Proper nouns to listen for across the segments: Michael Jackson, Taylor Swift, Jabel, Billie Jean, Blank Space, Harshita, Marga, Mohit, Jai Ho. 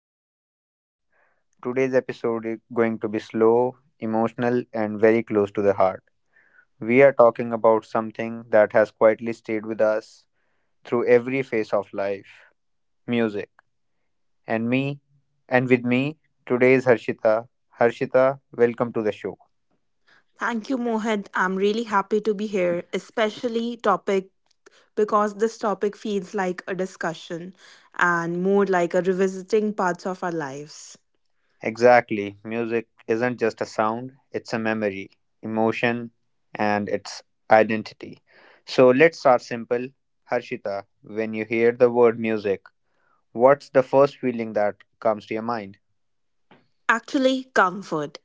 our podcast. Today's episode is going to be slow, emotional, and very close to the heart. We are talking about something that has quietly stayed with us through every phase of life music. And me, and with me today is Harshita. Harshita, welcome to the show. Thank you, Mohit. I'm really happy to be here, especially topic because this topic feels like a discussion and more like a revisiting parts of our lives. Exactly. Music isn't just a sound, it's a memory, emotion, and its identity. So let's start simple. Harshita, when you hear the word music, what's the first feeling that comes to your mind? Actually, comfort.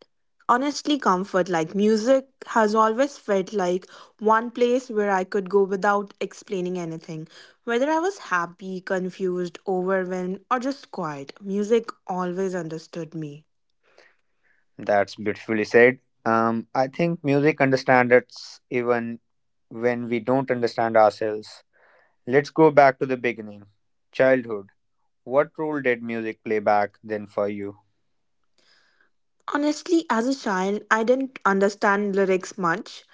Honestly, comfort like music has always felt like one place where I could go without explaining anything. Whether I was happy, confused, overwhelmed, or just quiet, music always understood me. That's beautifully said. I think music understands us even when we don't understand ourselves. Let's go back to the beginning. Childhood. What role did music play back then for you? Honestly, as a child, I didn't understand lyrics much.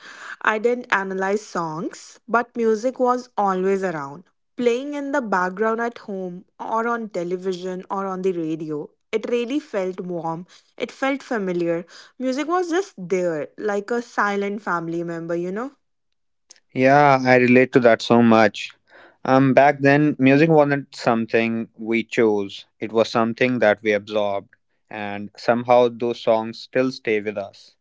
I didn't analyze songs, but music was always around, playing in the background at home or on television or on the radio. It really felt warm. It felt familiar. Music was just there, like a silent family member, you know? Yeah, I relate to that so much. Back then, music wasn't something we chose, it was something that we absorbed, and somehow those songs still stay with us.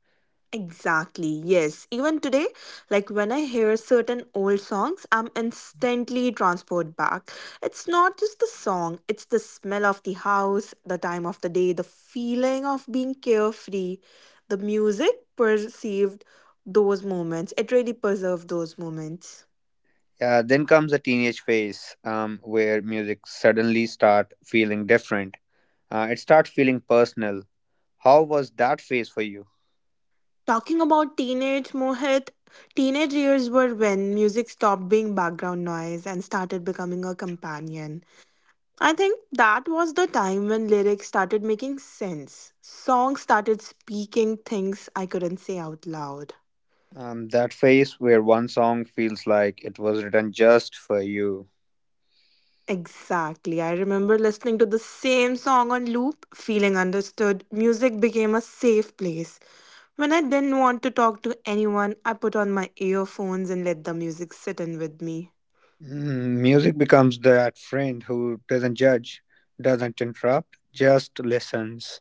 Exactly, yes. Even today, like when I hear certain old songs, I'm instantly transported back. It's not just the song, it's the smell of the house, the time of the day, the feeling of being carefree. The music perceived those moments. It really preserved those moments. Then comes the teenage phase where music suddenly start feeling different. It starts feeling personal. How was that phase for you? Talking about teenage Mohit, teenage years were when music stopped being background noise and started becoming a companion. I think that was the time when lyrics started making sense. Songs started speaking things I couldn't say out loud. That phase where one song feels like it was written just for you. Exactly. I remember listening to the same song on loop, feeling understood. Music became a safe place. When I didn't want to talk to anyone, I put on my earphones and let the music sit in with me. Mm, music becomes that friend who doesn't judge, doesn't interrupt, just listens.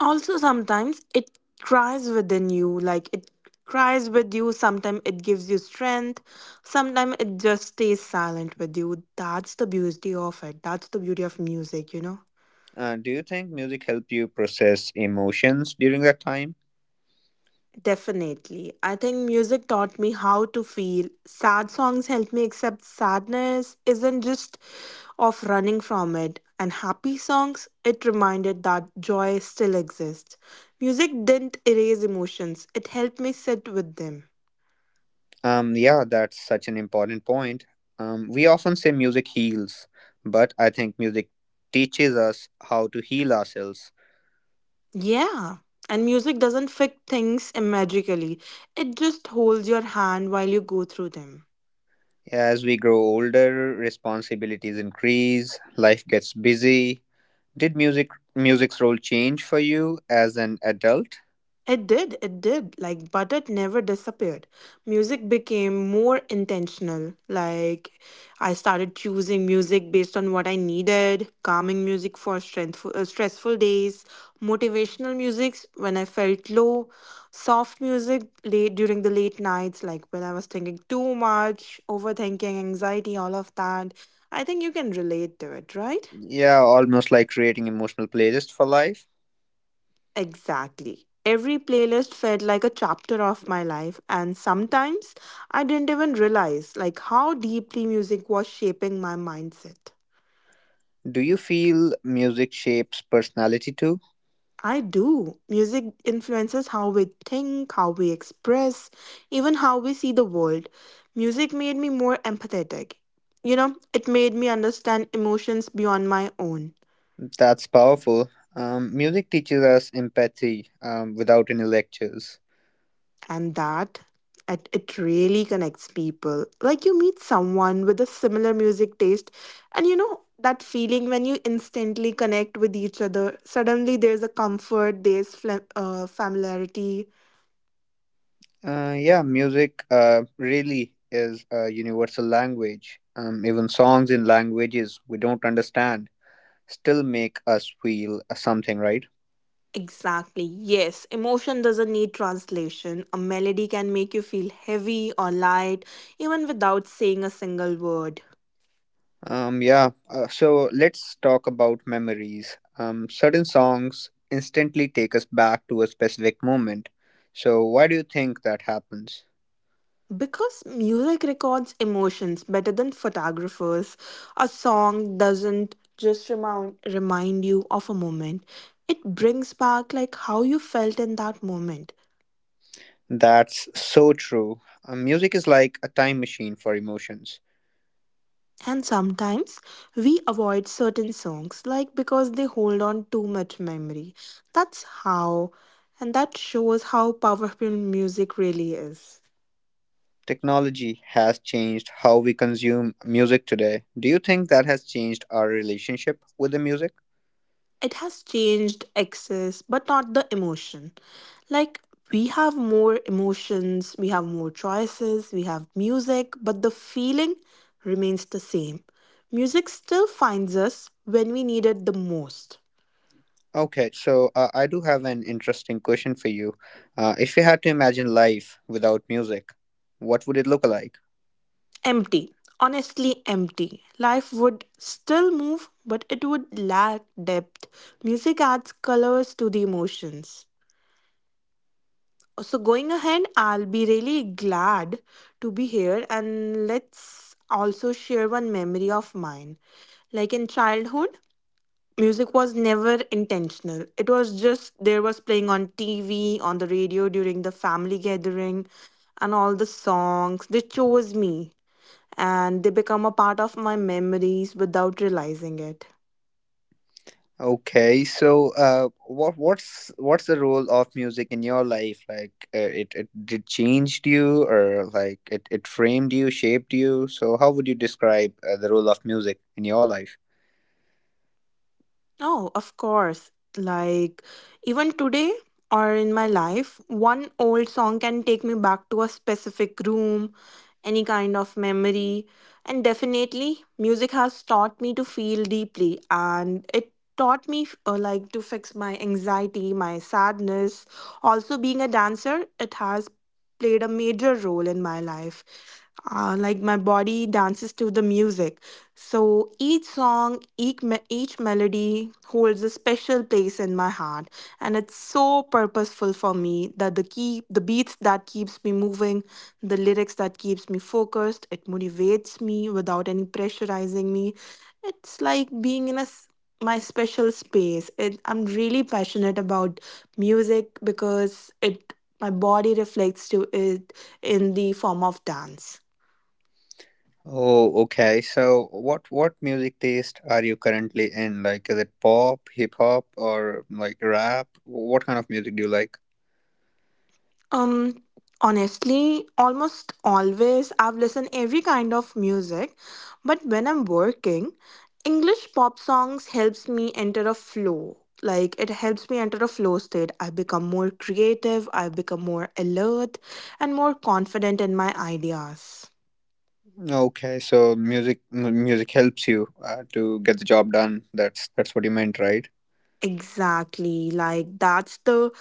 Also, sometimes it cries within you, like it cries with you. Sometimes it gives you strength, sometimes it just stays silent with you. That's the beauty of it, that's the beauty of music, you know? Do you think music helped you process emotions during that time? Definitely. I think music taught me how to feel. Sad songs helped me accept sadness isn't just of running from it. And happy songs, it reminded that joy still exists. Music didn't erase emotions, it helped me sit with them. Yeah, that's such an important point. We often say music heals, but I think music teaches us how to heal ourselves. Yeah. And music doesn't fix things magically. It just holds your hand while you go through them. As we grow older, responsibilities increase, life gets busy. Did music's role change for you as an adult? It did. Like, but it never disappeared. Music became more intentional. Like, I started choosing music based on what I needed, calming music for stressful days, motivational music when I felt low, soft music late during the late nights, like when I was thinking too much, overthinking, anxiety, all of that. I think you can relate to it, right? Yeah, almost like creating emotional playlist for life. Exactly. Every playlist felt like a chapter of my life, and sometimes I didn't even realize like how deeply music was shaping my mindset. Do you feel music shapes personality too? I do. Music influences how we think, how we express, even how we see the world. Music made me more empathetic. You know, it made me understand emotions beyond my own. That's powerful. Music teaches us empathy without any lectures. And that, it really connects people. Like, you meet someone with a similar music taste and you know that feeling when you instantly connect with each other, suddenly there's a comfort, there's familiarity. Yeah, music really is a universal language. Even songs in languages we don't understand still make us feel something, right? Exactly, yes. Emotion doesn't need translation. A melody can make you feel heavy or light, even without saying a single word. Yeah, so let's talk about memories. Certain songs instantly take us back to a specific moment. So, why do you think that happens? Because music records emotions better than photographers, a song doesn't just remind you of a moment. It brings back like how you felt in that moment. That's so true. Music is like a time machine for emotions. And sometimes we avoid certain songs like because they hold on too much memory. That's how and that shows how powerful music really is. Technology has changed how we consume music today. Do you think that has changed our relationship with the music? It has changed excess but not the emotion. Like, we have more emotions, we have more choices, we have music, but the feeling remains the same. Music still finds us when we need it the most. Okay, so I do have an interesting question for you. If you had to imagine life without music, what would it look like? Empty, honestly empty. Life would still move, but it would lack depth. Music adds colors to the emotions. So, going ahead, I'll be really glad to be here, and let's also share one memory of mine. Like in childhood, music was never intentional. It was just there was playing on TV, on the radio during the family gathering, and all the songs. They chose me, and they become a part of my memories without realizing it. Okay, so what's the role of music in your life? Like, it did changed you, or like it framed you, shaped you. So, how would you describe the role of music in your life? Oh, of course. Like, even today or in my life, one old song can take me back to a specific room, any kind of memory. And definitely, music has taught me to feel deeply, and it taught me like to fix my anxiety, my sadness. Also, being a dancer, it has played a major role in my life. Like, my body dances to the music, so each song, each melody holds a special place in my heart, and it's so purposeful for me that the key, the beats that keeps me moving, the lyrics that keeps me focused. It motivates me without any pressurizing me. It's like being in a my special space. It, I'm really passionate about music because it, my body reflects to it in the form of dance. Oh, okay. So what music taste are you currently in? Like, is it pop, hip hop, or like rap? What kind of music do you like? Um, Honestly, almost always I've listened every kind of music, but when I'm working, English pop songs helps me enter a flow. Like, it helps me enter a flow state. I become more creative, I become more alert and more confident in my ideas. Okay, so music helps you to get the job done. That's what you meant, right? Exactly. Like that's the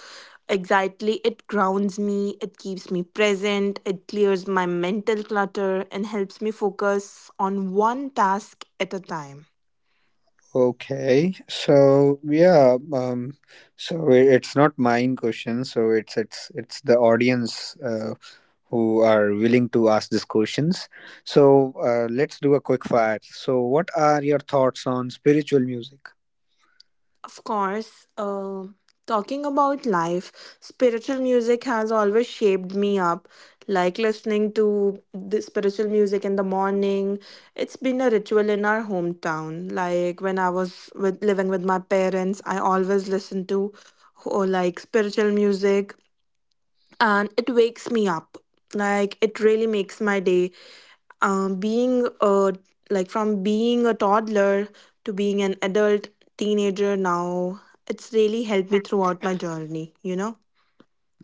exactly, it grounds me, it keeps me present, it clears my mental clutter and helps me focus on one task at a time. Okay, so yeah, um, so it's not mine question. So it's the audience. Who are willing to ask these questions. So let's do a quick fire. So, what are your thoughts on spiritual music? Of course, talking about life, spiritual music has always shaped me up. Like listening to the spiritual music in the morning, it's been a ritual in our hometown. Like when I was with, living with my parents, I always listened to, oh, like spiritual music, and it wakes me up. Like, it really makes my day. Being a, like from being a toddler to being an adult, teenager now, it's really helped me throughout my journey, you know.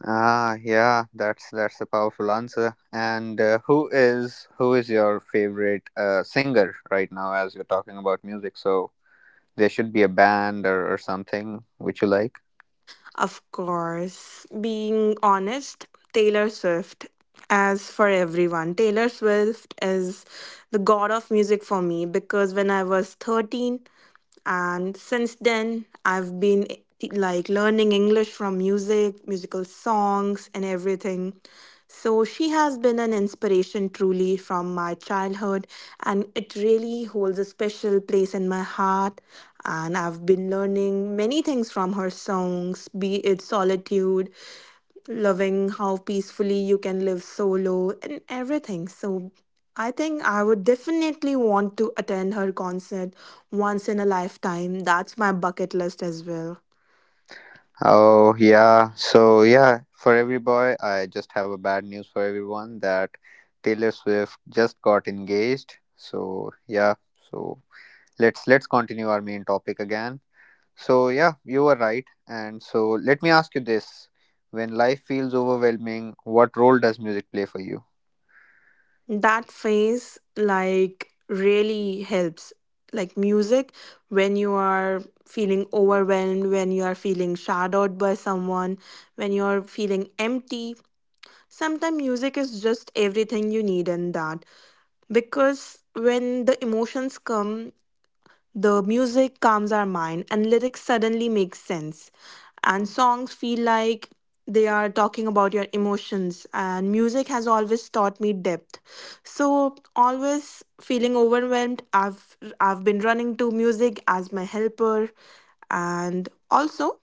Ah, yeah, that's a powerful answer. And who is your favorite singer right now? As you're talking about music, so there should be a band or something which you like. Of course, being honest, Taylor Swift. As for everyone, Taylor Swift is the god of music for me. Because when I was 13, and since then I've been, like, learning English from music, musical songs and everything. So she has been an inspiration truly from my childhood, and it really holds a special place in my heart, and I've been learning many things from her songs, be it solitude, loving how peacefully you can live solo and everything. So I think I would definitely want to attend her concert once in a lifetime. That's my bucket list as well. Oh yeah, so yeah, for every boy, I just have a bad news for everyone that Taylor Swift just got engaged. So yeah, so let's continue our main topic again. So yeah, you were right. And so let me ask you this. When life feels overwhelming, what role does music play for you? That phase like really helps. Like music, when you are feeling overwhelmed, when you are feeling shadowed by someone, when you're feeling empty. Sometimes music is just everything you need in that, because when the emotions come, the music calms our mind and lyrics suddenly make sense. And songs feel like they are talking about your emotions, and music has always taught me depth. So always feeling overwhelmed, I've been running to music as my helper. And also,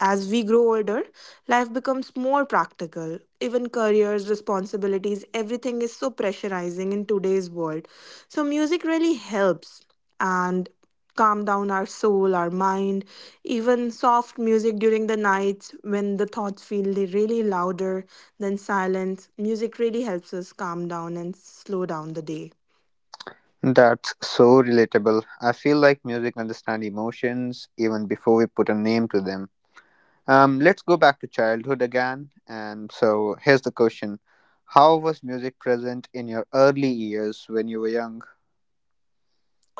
as we grow older, life becomes more practical. Even careers, responsibilities, everything is so pressurizing in today's world. So, music really helps and calm down our soul, our mind. Even soft music during the night when the thoughts feel really louder than silence, music really helps us calm down and slow down the day. That's so relatable. I feel like music understands emotions even before we put a name to them. Let's go back to childhood again. And so here's the question. How was music present in your early years when you were young?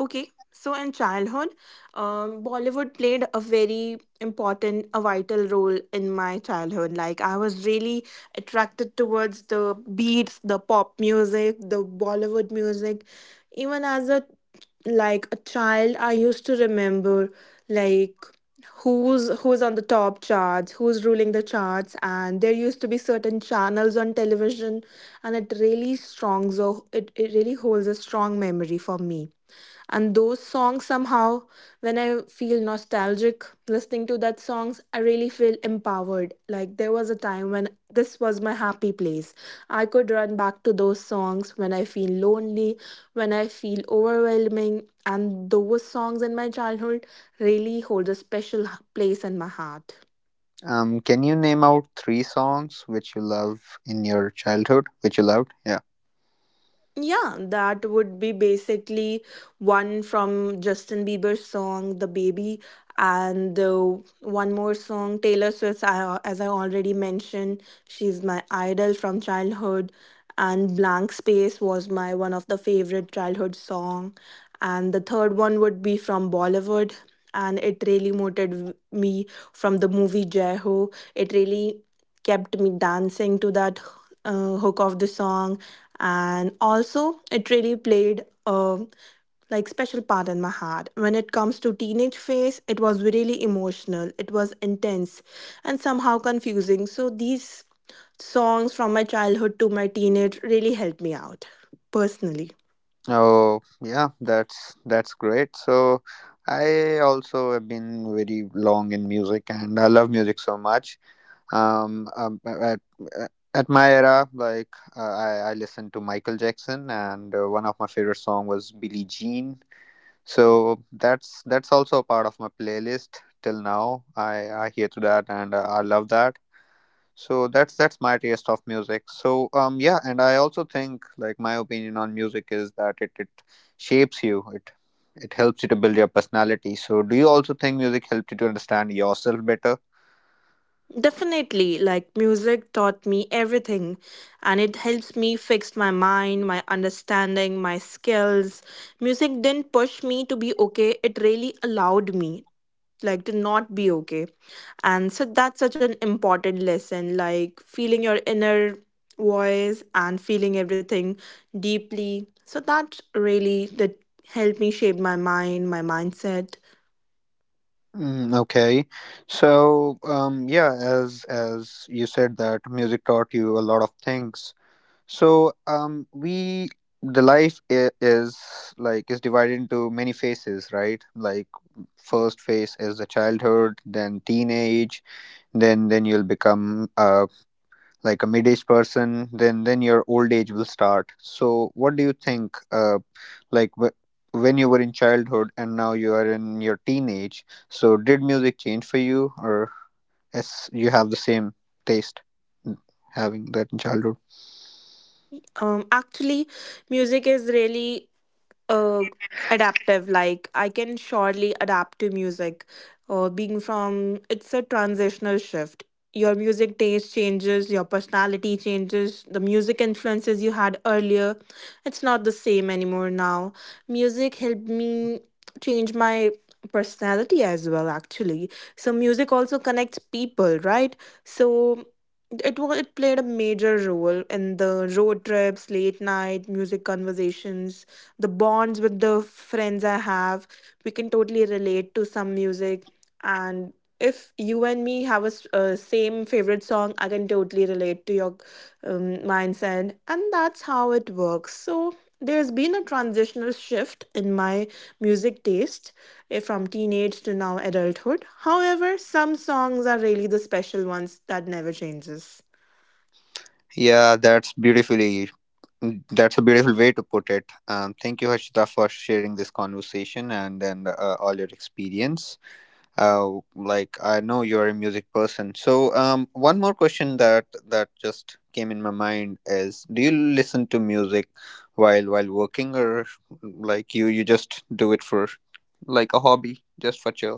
Okay, so in childhood, Bollywood played a very important, a vital role in my childhood. Like I was really attracted towards the beats, the pop music, the Bollywood music. Even as a like a child, I used to remember like who's on the top charts, who's ruling the charts, and there used to be certain channels on television, and it really strong. So it really holds a strong memory for me, and those songs somehow, when I feel nostalgic listening to that songs, I really feel empowered. Like there was a time when this was my happy place. I could run back to those songs when I feel lonely, when I feel overwhelming, and those songs in my childhood really hold a special place in my heart. Can you name out three songs which you love in your childhood, which you loved? Yeah. Yeah, that would be basically one from Justin Bieber's song The Baby, and the one more song Taylor Swift's, I as I already mentioned, she's my idol from childhood, and Blank Space was my one of the favorite childhood song. And the third one would be from Bollywood, and it really motivated me, from the movie Jai Ho. It really kept me dancing to that hook of the song. And also it really played a like special part in my heart. When it comes to teenage phase, it was really emotional, it was intense and somehow confusing. So these songs from my childhood to my teenage really helped me out personally. Oh, yeah, that's great. So I also have been very long in music and I love music so much. Um, um at, at my era, like I listened to Michael Jackson and one of my favorite song was Billie Jean. So that's also a part of my playlist till now. I hear to that and I love that. So that's my taste of music. And I also think like my opinion on music is that it shapes you. It helps you to build your personality. So do you also think music helped you to understand yourself better? Definitely, like music taught me everything, and it helps me fix my mind, my understanding, my skills. Music didn't push me to be okay, it really allowed me like to not be okay. And so that's such an important lesson, like feeling your inner voice and feeling everything deeply. So that really did help me shape my mind, my mindset. Mm, okay. So, yeah, as you said that music taught you a lot of things. So, we the life is like is divided into many phases, right? Like first phase is the childhood, then teenage, then you'll become like a mid-aged person, then your old age will start. So what do you think like wh- when you were in childhood and now you are in your teenage, so did music change for you, or as you have the same taste mm, having that in childhood? Actually, music is really uh, adaptive. Like, I can surely adapt to music, being from it's a transitional shift. Your music taste changes, your personality changes, the music influences you had earlier, it's not the same anymore now. Music helped me change my personality as well actually. So music also connects people, right? So it played a major role in the road trips, late night music conversations, the bonds with the friends I have. We can totally relate to some music. And if you and me have a same favorite song, I can totally relate to your mindset, and that's how it works. So there's been a transitional shift in my music taste, from teenage to now adulthood. However, some songs are really the special ones that never changes. yeah that's beautifully that's a beautiful way to put it. Thank you, Harshita, for sharing this conversation and then all your experience. Like I know you're a music person. So, one more question that just came in my mind is: do you listen to music while working, or like you just do it for like a hobby, just for chill?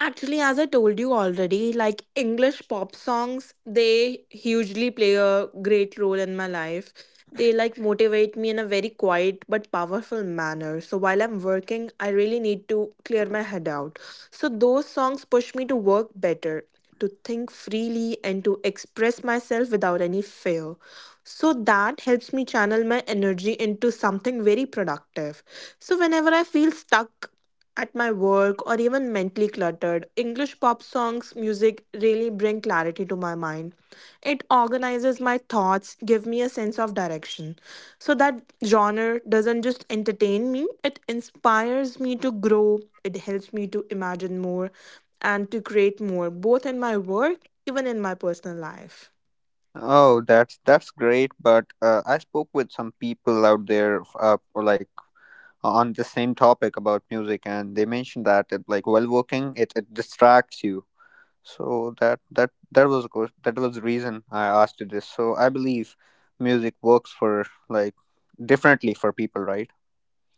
Actually, as I told you already, like English pop songs, they hugely play a great role in my life. They like motivate me in a very quiet but powerful manner. So while I'm working, I really need to clear my head out. So those songs push me to work better, to think freely, and to express myself without any fear. So that helps me channel my energy into something very productive. So whenever I feel stuck, at my work or even mentally cluttered, English pop songs music really bring clarity to my mind. It organizes my thoughts, give me a sense of direction. So that genre doesn't just entertain me, it inspires me to grow, it helps me to imagine more and to create more both in my work even in my personal life. Oh, that's great. But I spoke with some people out there, for, like on the same topic about music, and they mentioned that it, like while working, it distracts you. So that was a that was the reason I asked you this. So I believe music works for like differently for people, right?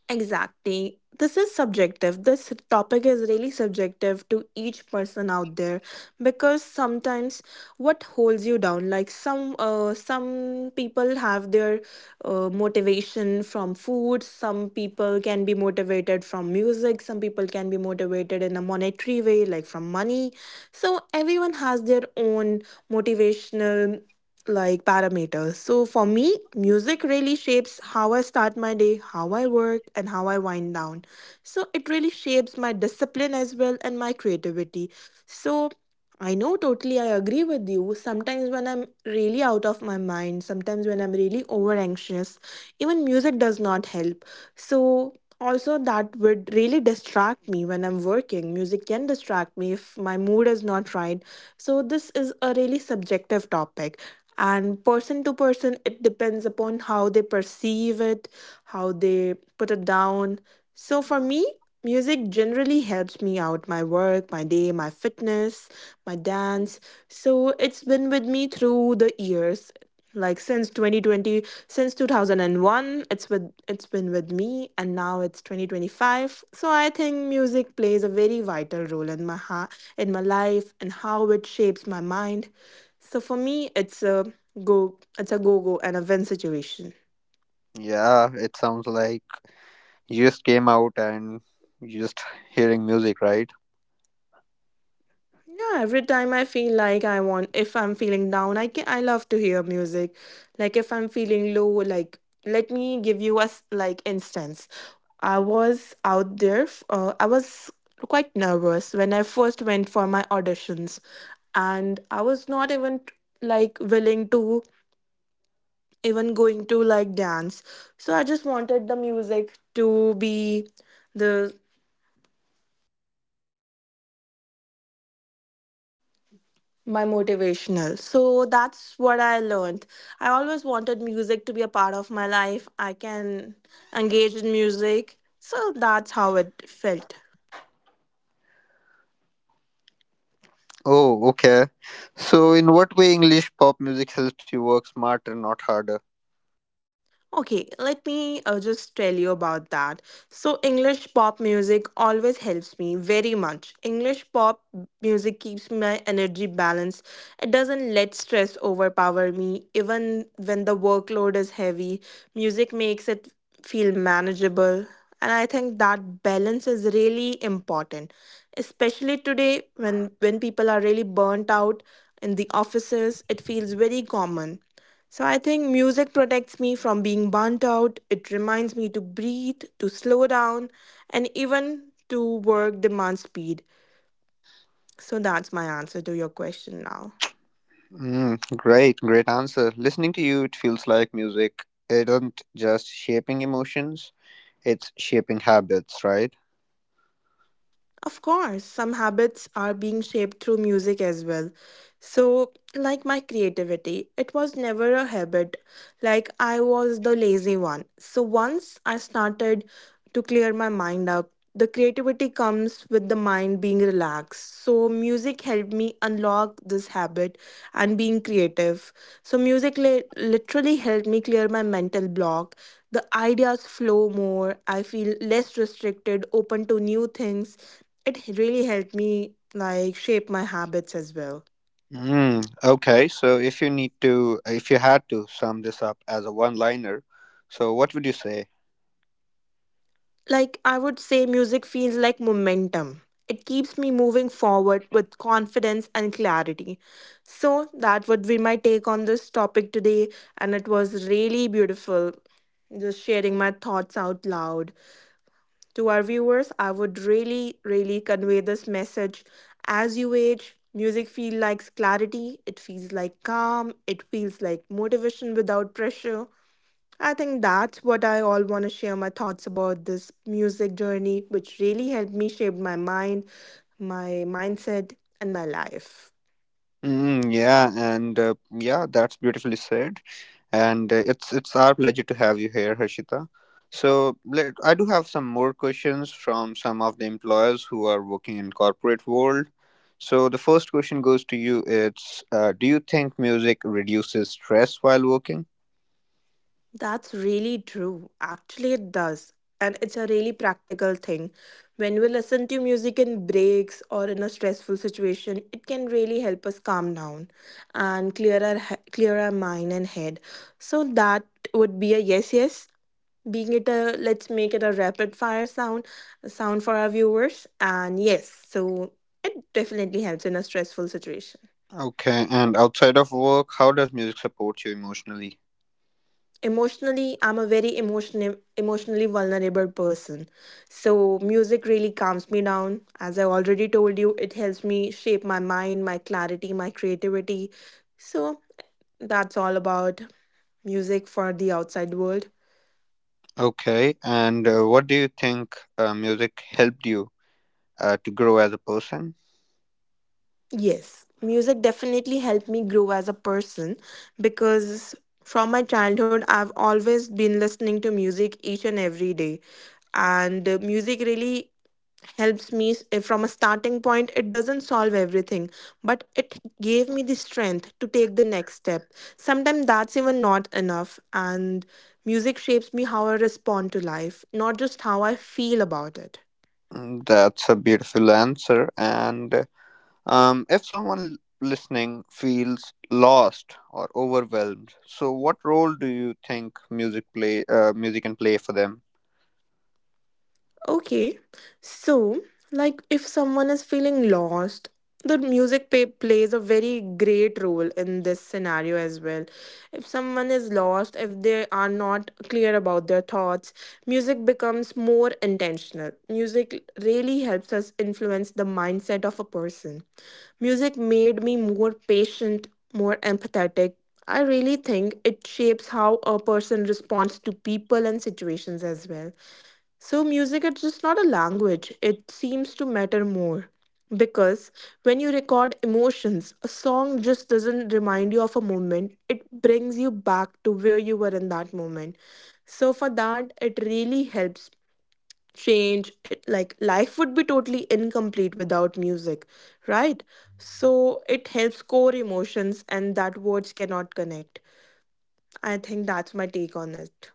Exactly. This is subjective. This topic is really subjective to each person out there because sometimes what holds you down, like some people have their motivation from food, some people can be motivated from music, some people can be motivated in a monetary way like from money. So everyone has their own motivational like parameters. So for me, music really shapes how I start my day, how I work, and how I wind down. So it really shapes my discipline as well and my creativity. So I know totally I agree with you. Sometimes when I'm really out of my mind, sometimes when I'm really over anxious, even music does not help. So also, that would really distract me when I'm working. Music can distract me if my mood is not right. So, this is a really subjective topic. And person to person, it depends upon how they perceive it, how they put it down. So, for me, music generally helps me out my work, my day, my fitness, my dance. So, it's been with me through the years, like since 2020, since 2001, it's been with me, and now it's 2025. So I think music plays a very vital role in my heart, in my life, and how it shapes my mind. So for me, it's a go and a win situation. Yeah, it sounds like you just came out and you just hearing music, right? Yeah, every time I feel like I want, if I'm feeling down, I love to hear music. Like if I'm feeling low, like let me give you a like instance. I was out there. I was quite nervous when I first went for my auditions, and I was not even like willing to even going to like dance. So I just wanted the music to be the my motivational. So that's what I learned. I always wanted music to be a part of my life. I can engage in music. So that's how it felt. Oh, okay. So, in what way English pop music helps you work smarter, not harder? Okay, let me just tell you about that. So, English pop music always helps me very much. English pop music keeps my energy balanced. It doesn't let stress overpower me. Even when the workload is heavy, music makes it feel manageable. And I think that balance is really important, especially today when people are really burnt out in the offices. It feels very common. So I think music protects me from being burnt out. It reminds me to breathe, to slow down, and even to work demand speed. So that's my answer to your question now. Mm, great answer. Listening to you, it feels like music isn't just shaping emotions, it's shaping habits, right? Of course, some habits are being shaped through music as well. So, like my creativity, it was never a habit. Like, I was the lazy one. So, once I started to clear my mind up, the creativity comes with the mind being relaxed. So, music helped me unlock this habit and being creative. So, music literally helped me clear my mental block. The ideas flow more. I feel less restricted, open to new things. It really helped me like shape my habits as well. Mm, okay, so if you need to, if you had to sum this up as a one liner, so what would you say? Like I would say music feels like momentum. It keeps me moving forward with confidence and clarity. So that would be my take on this topic today, and it was really beautiful just sharing my thoughts out loud. To our viewers, I would really convey this message: as you age, music feels like clarity, it feels like calm, it feels like motivation without pressure. I think that's what I all want to share my thoughts about this music journey, which really helped me shape my mind, my mindset, and my life. Mm, yeah, and that's beautifully said. And it's our pleasure to have you here, Harshita. So let, I do have some more questions from some of the employers who are working in corporate world. So the first question goes to you. It's do you think music reduces stress while working? That's really true. Actually, it does. And it's a really practical thing. When we listen to music in breaks or in a stressful situation, it can really help us calm down and clear clear our mind and head. So, that would be a yes, yes. Being it a, let's make it a rapid fire sound for our viewers, and yes. So it definitely helps in a stressful situation. Okay, and outside of work, how does music support you emotionally? Emotionally, I'm a very emotionally vulnerable person. So music really calms me down. As I already told you, it helps me shape my mind, my clarity, my creativity. So that's all about music for the outside world. Okay, and what do you think music helped you to grow as a person? Yes, music definitely helped me grow as a person because from my childhood, I've always been listening to music each and every day. And music really helps me from a starting point. It doesn't solve everything, but it gave me the strength to take the next step. Sometimes that's even not enough. And music shapes me how I respond to life, not just how I feel about it. Mm, that's a beautiful answer. And if someone listening feels lost or overwhelmed, so what role do you think music can play for them? Okay, so like if someone is feeling lost, the music plays a very great role in this scenario as well. If someone is lost, if they are not clear about their thoughts, music becomes more intentional. Music really helps us influence the mindset of a person. Music made me more patient, more empathetic. I really think it shapes how a person responds to people and situations as well. So, music is just not a language, it seems to matter more. Because when you record emotions, a song just doesn't remind you of a moment, it brings you back to where you were in that moment. So, for that, it really helps change. It, like, life would be totally incomplete without music, right? So, it helps core emotions, and that words cannot connect. I think that's my take on it.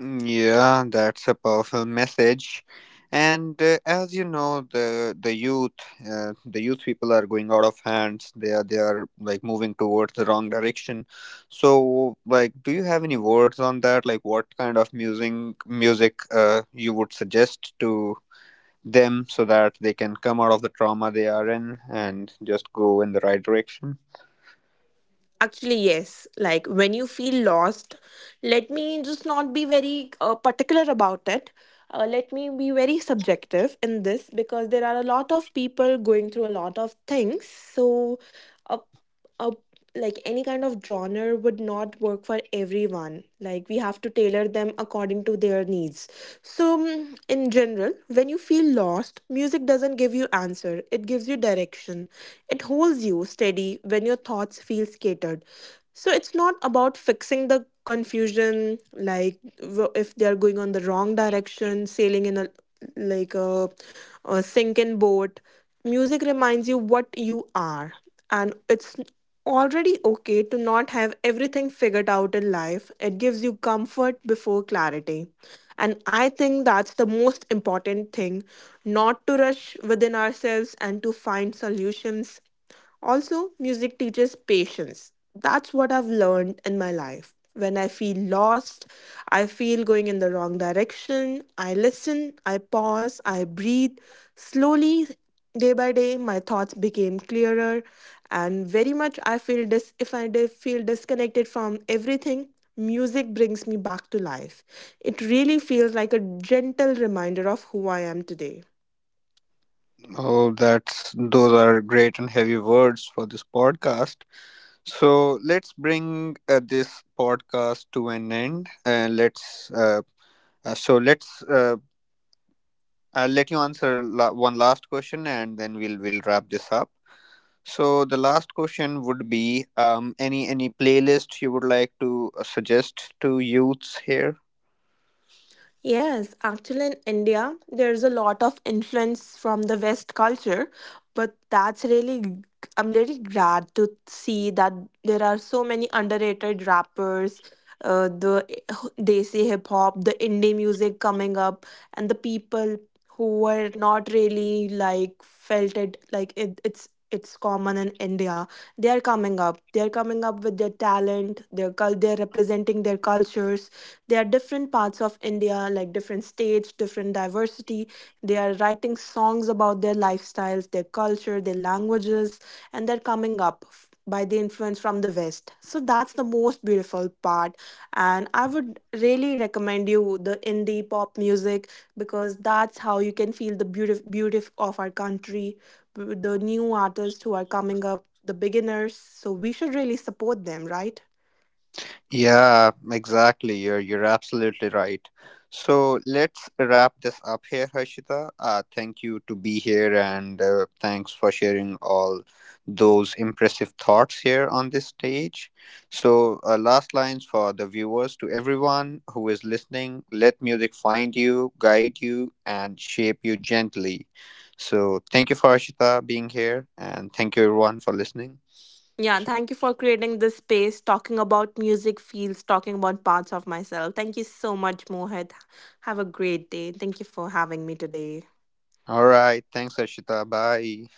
Mm, yeah, that's a powerful message. And as you know, the youth, the youth people are going out of hands. They are like moving towards the wrong direction. So, like, do you have any words on that? Like, what kind of music you would suggest to them so that they can come out of the trauma they are in and just go in the right direction? Actually, yes. Like when you feel lost, let me just not be very particular about it. Let me be very subjective in this because there are a lot of people going through a lot of things. So, uh, a like any kind of genre would not work for everyone. Like we have to tailor them according to their needs. So in general, when you feel lost, music doesn't give you answer, it gives you direction. It holds you steady when your thoughts feel scattered. So it's not about fixing the confusion. Like if they are going on the wrong direction, sailing in a like a, a sinking boat, music reminds you what you are, and it's already okay to not have everything figured out in life. It gives you comfort before clarity. And I think that's the most important thing, not to rush within ourselves and to find solutions. Also, music teaches patience. That's what I've learned in my life. When I feel lost, I feel going in the wrong direction, I listen, I pause, I breathe. Slowly, day by day, my thoughts became clearer, and very much I feel if feel disconnected from everything, music brings me back to life. It really feels like a gentle reminder of who I am today. Oh, that's those are great and heavy words for this podcast. So let's bring this podcast to an end. Let's so let's I'll let you answer one last question, and then we'll wrap this up. So the last question would be any playlist you would like to suggest to youths here. Yes, actually, in India, there's a lot of influence from the West culture, but I'm really glad to see that there are so many underrated rappers, desi hip hop, the indie music coming up, and the people who were not really like felt it, like it's common in India. They are coming up. They are coming up with their talent, their cul they're representing their cultures. There are different parts of India, like different states, different diversity. They are writing songs about their lifestyles, their culture, their languages, and they're coming up by the influence from the West. So that's the most beautiful part, and I would really recommend you the indie pop music, because that's how you can feel the beauty of our country, the new artists who are coming up, the beginners. So we should really support them, right? Yeah, exactly. You're absolutely right. So let's wrap this up here, Harshita. Thank you to be here, and thanks for sharing all those impressive thoughts here on this stage. So last lines for the viewers to everyone who is listening: let music find you, guide you, and shape you gently. So thank you for Harshita being here, and thank you everyone for listening. Yeah, So, thank you for creating this space, talking about music fields, talking about parts of myself. Thank you so much, Mohit. Have a great day. Thank you for having me today. all right, thanks, Harshita. Bye.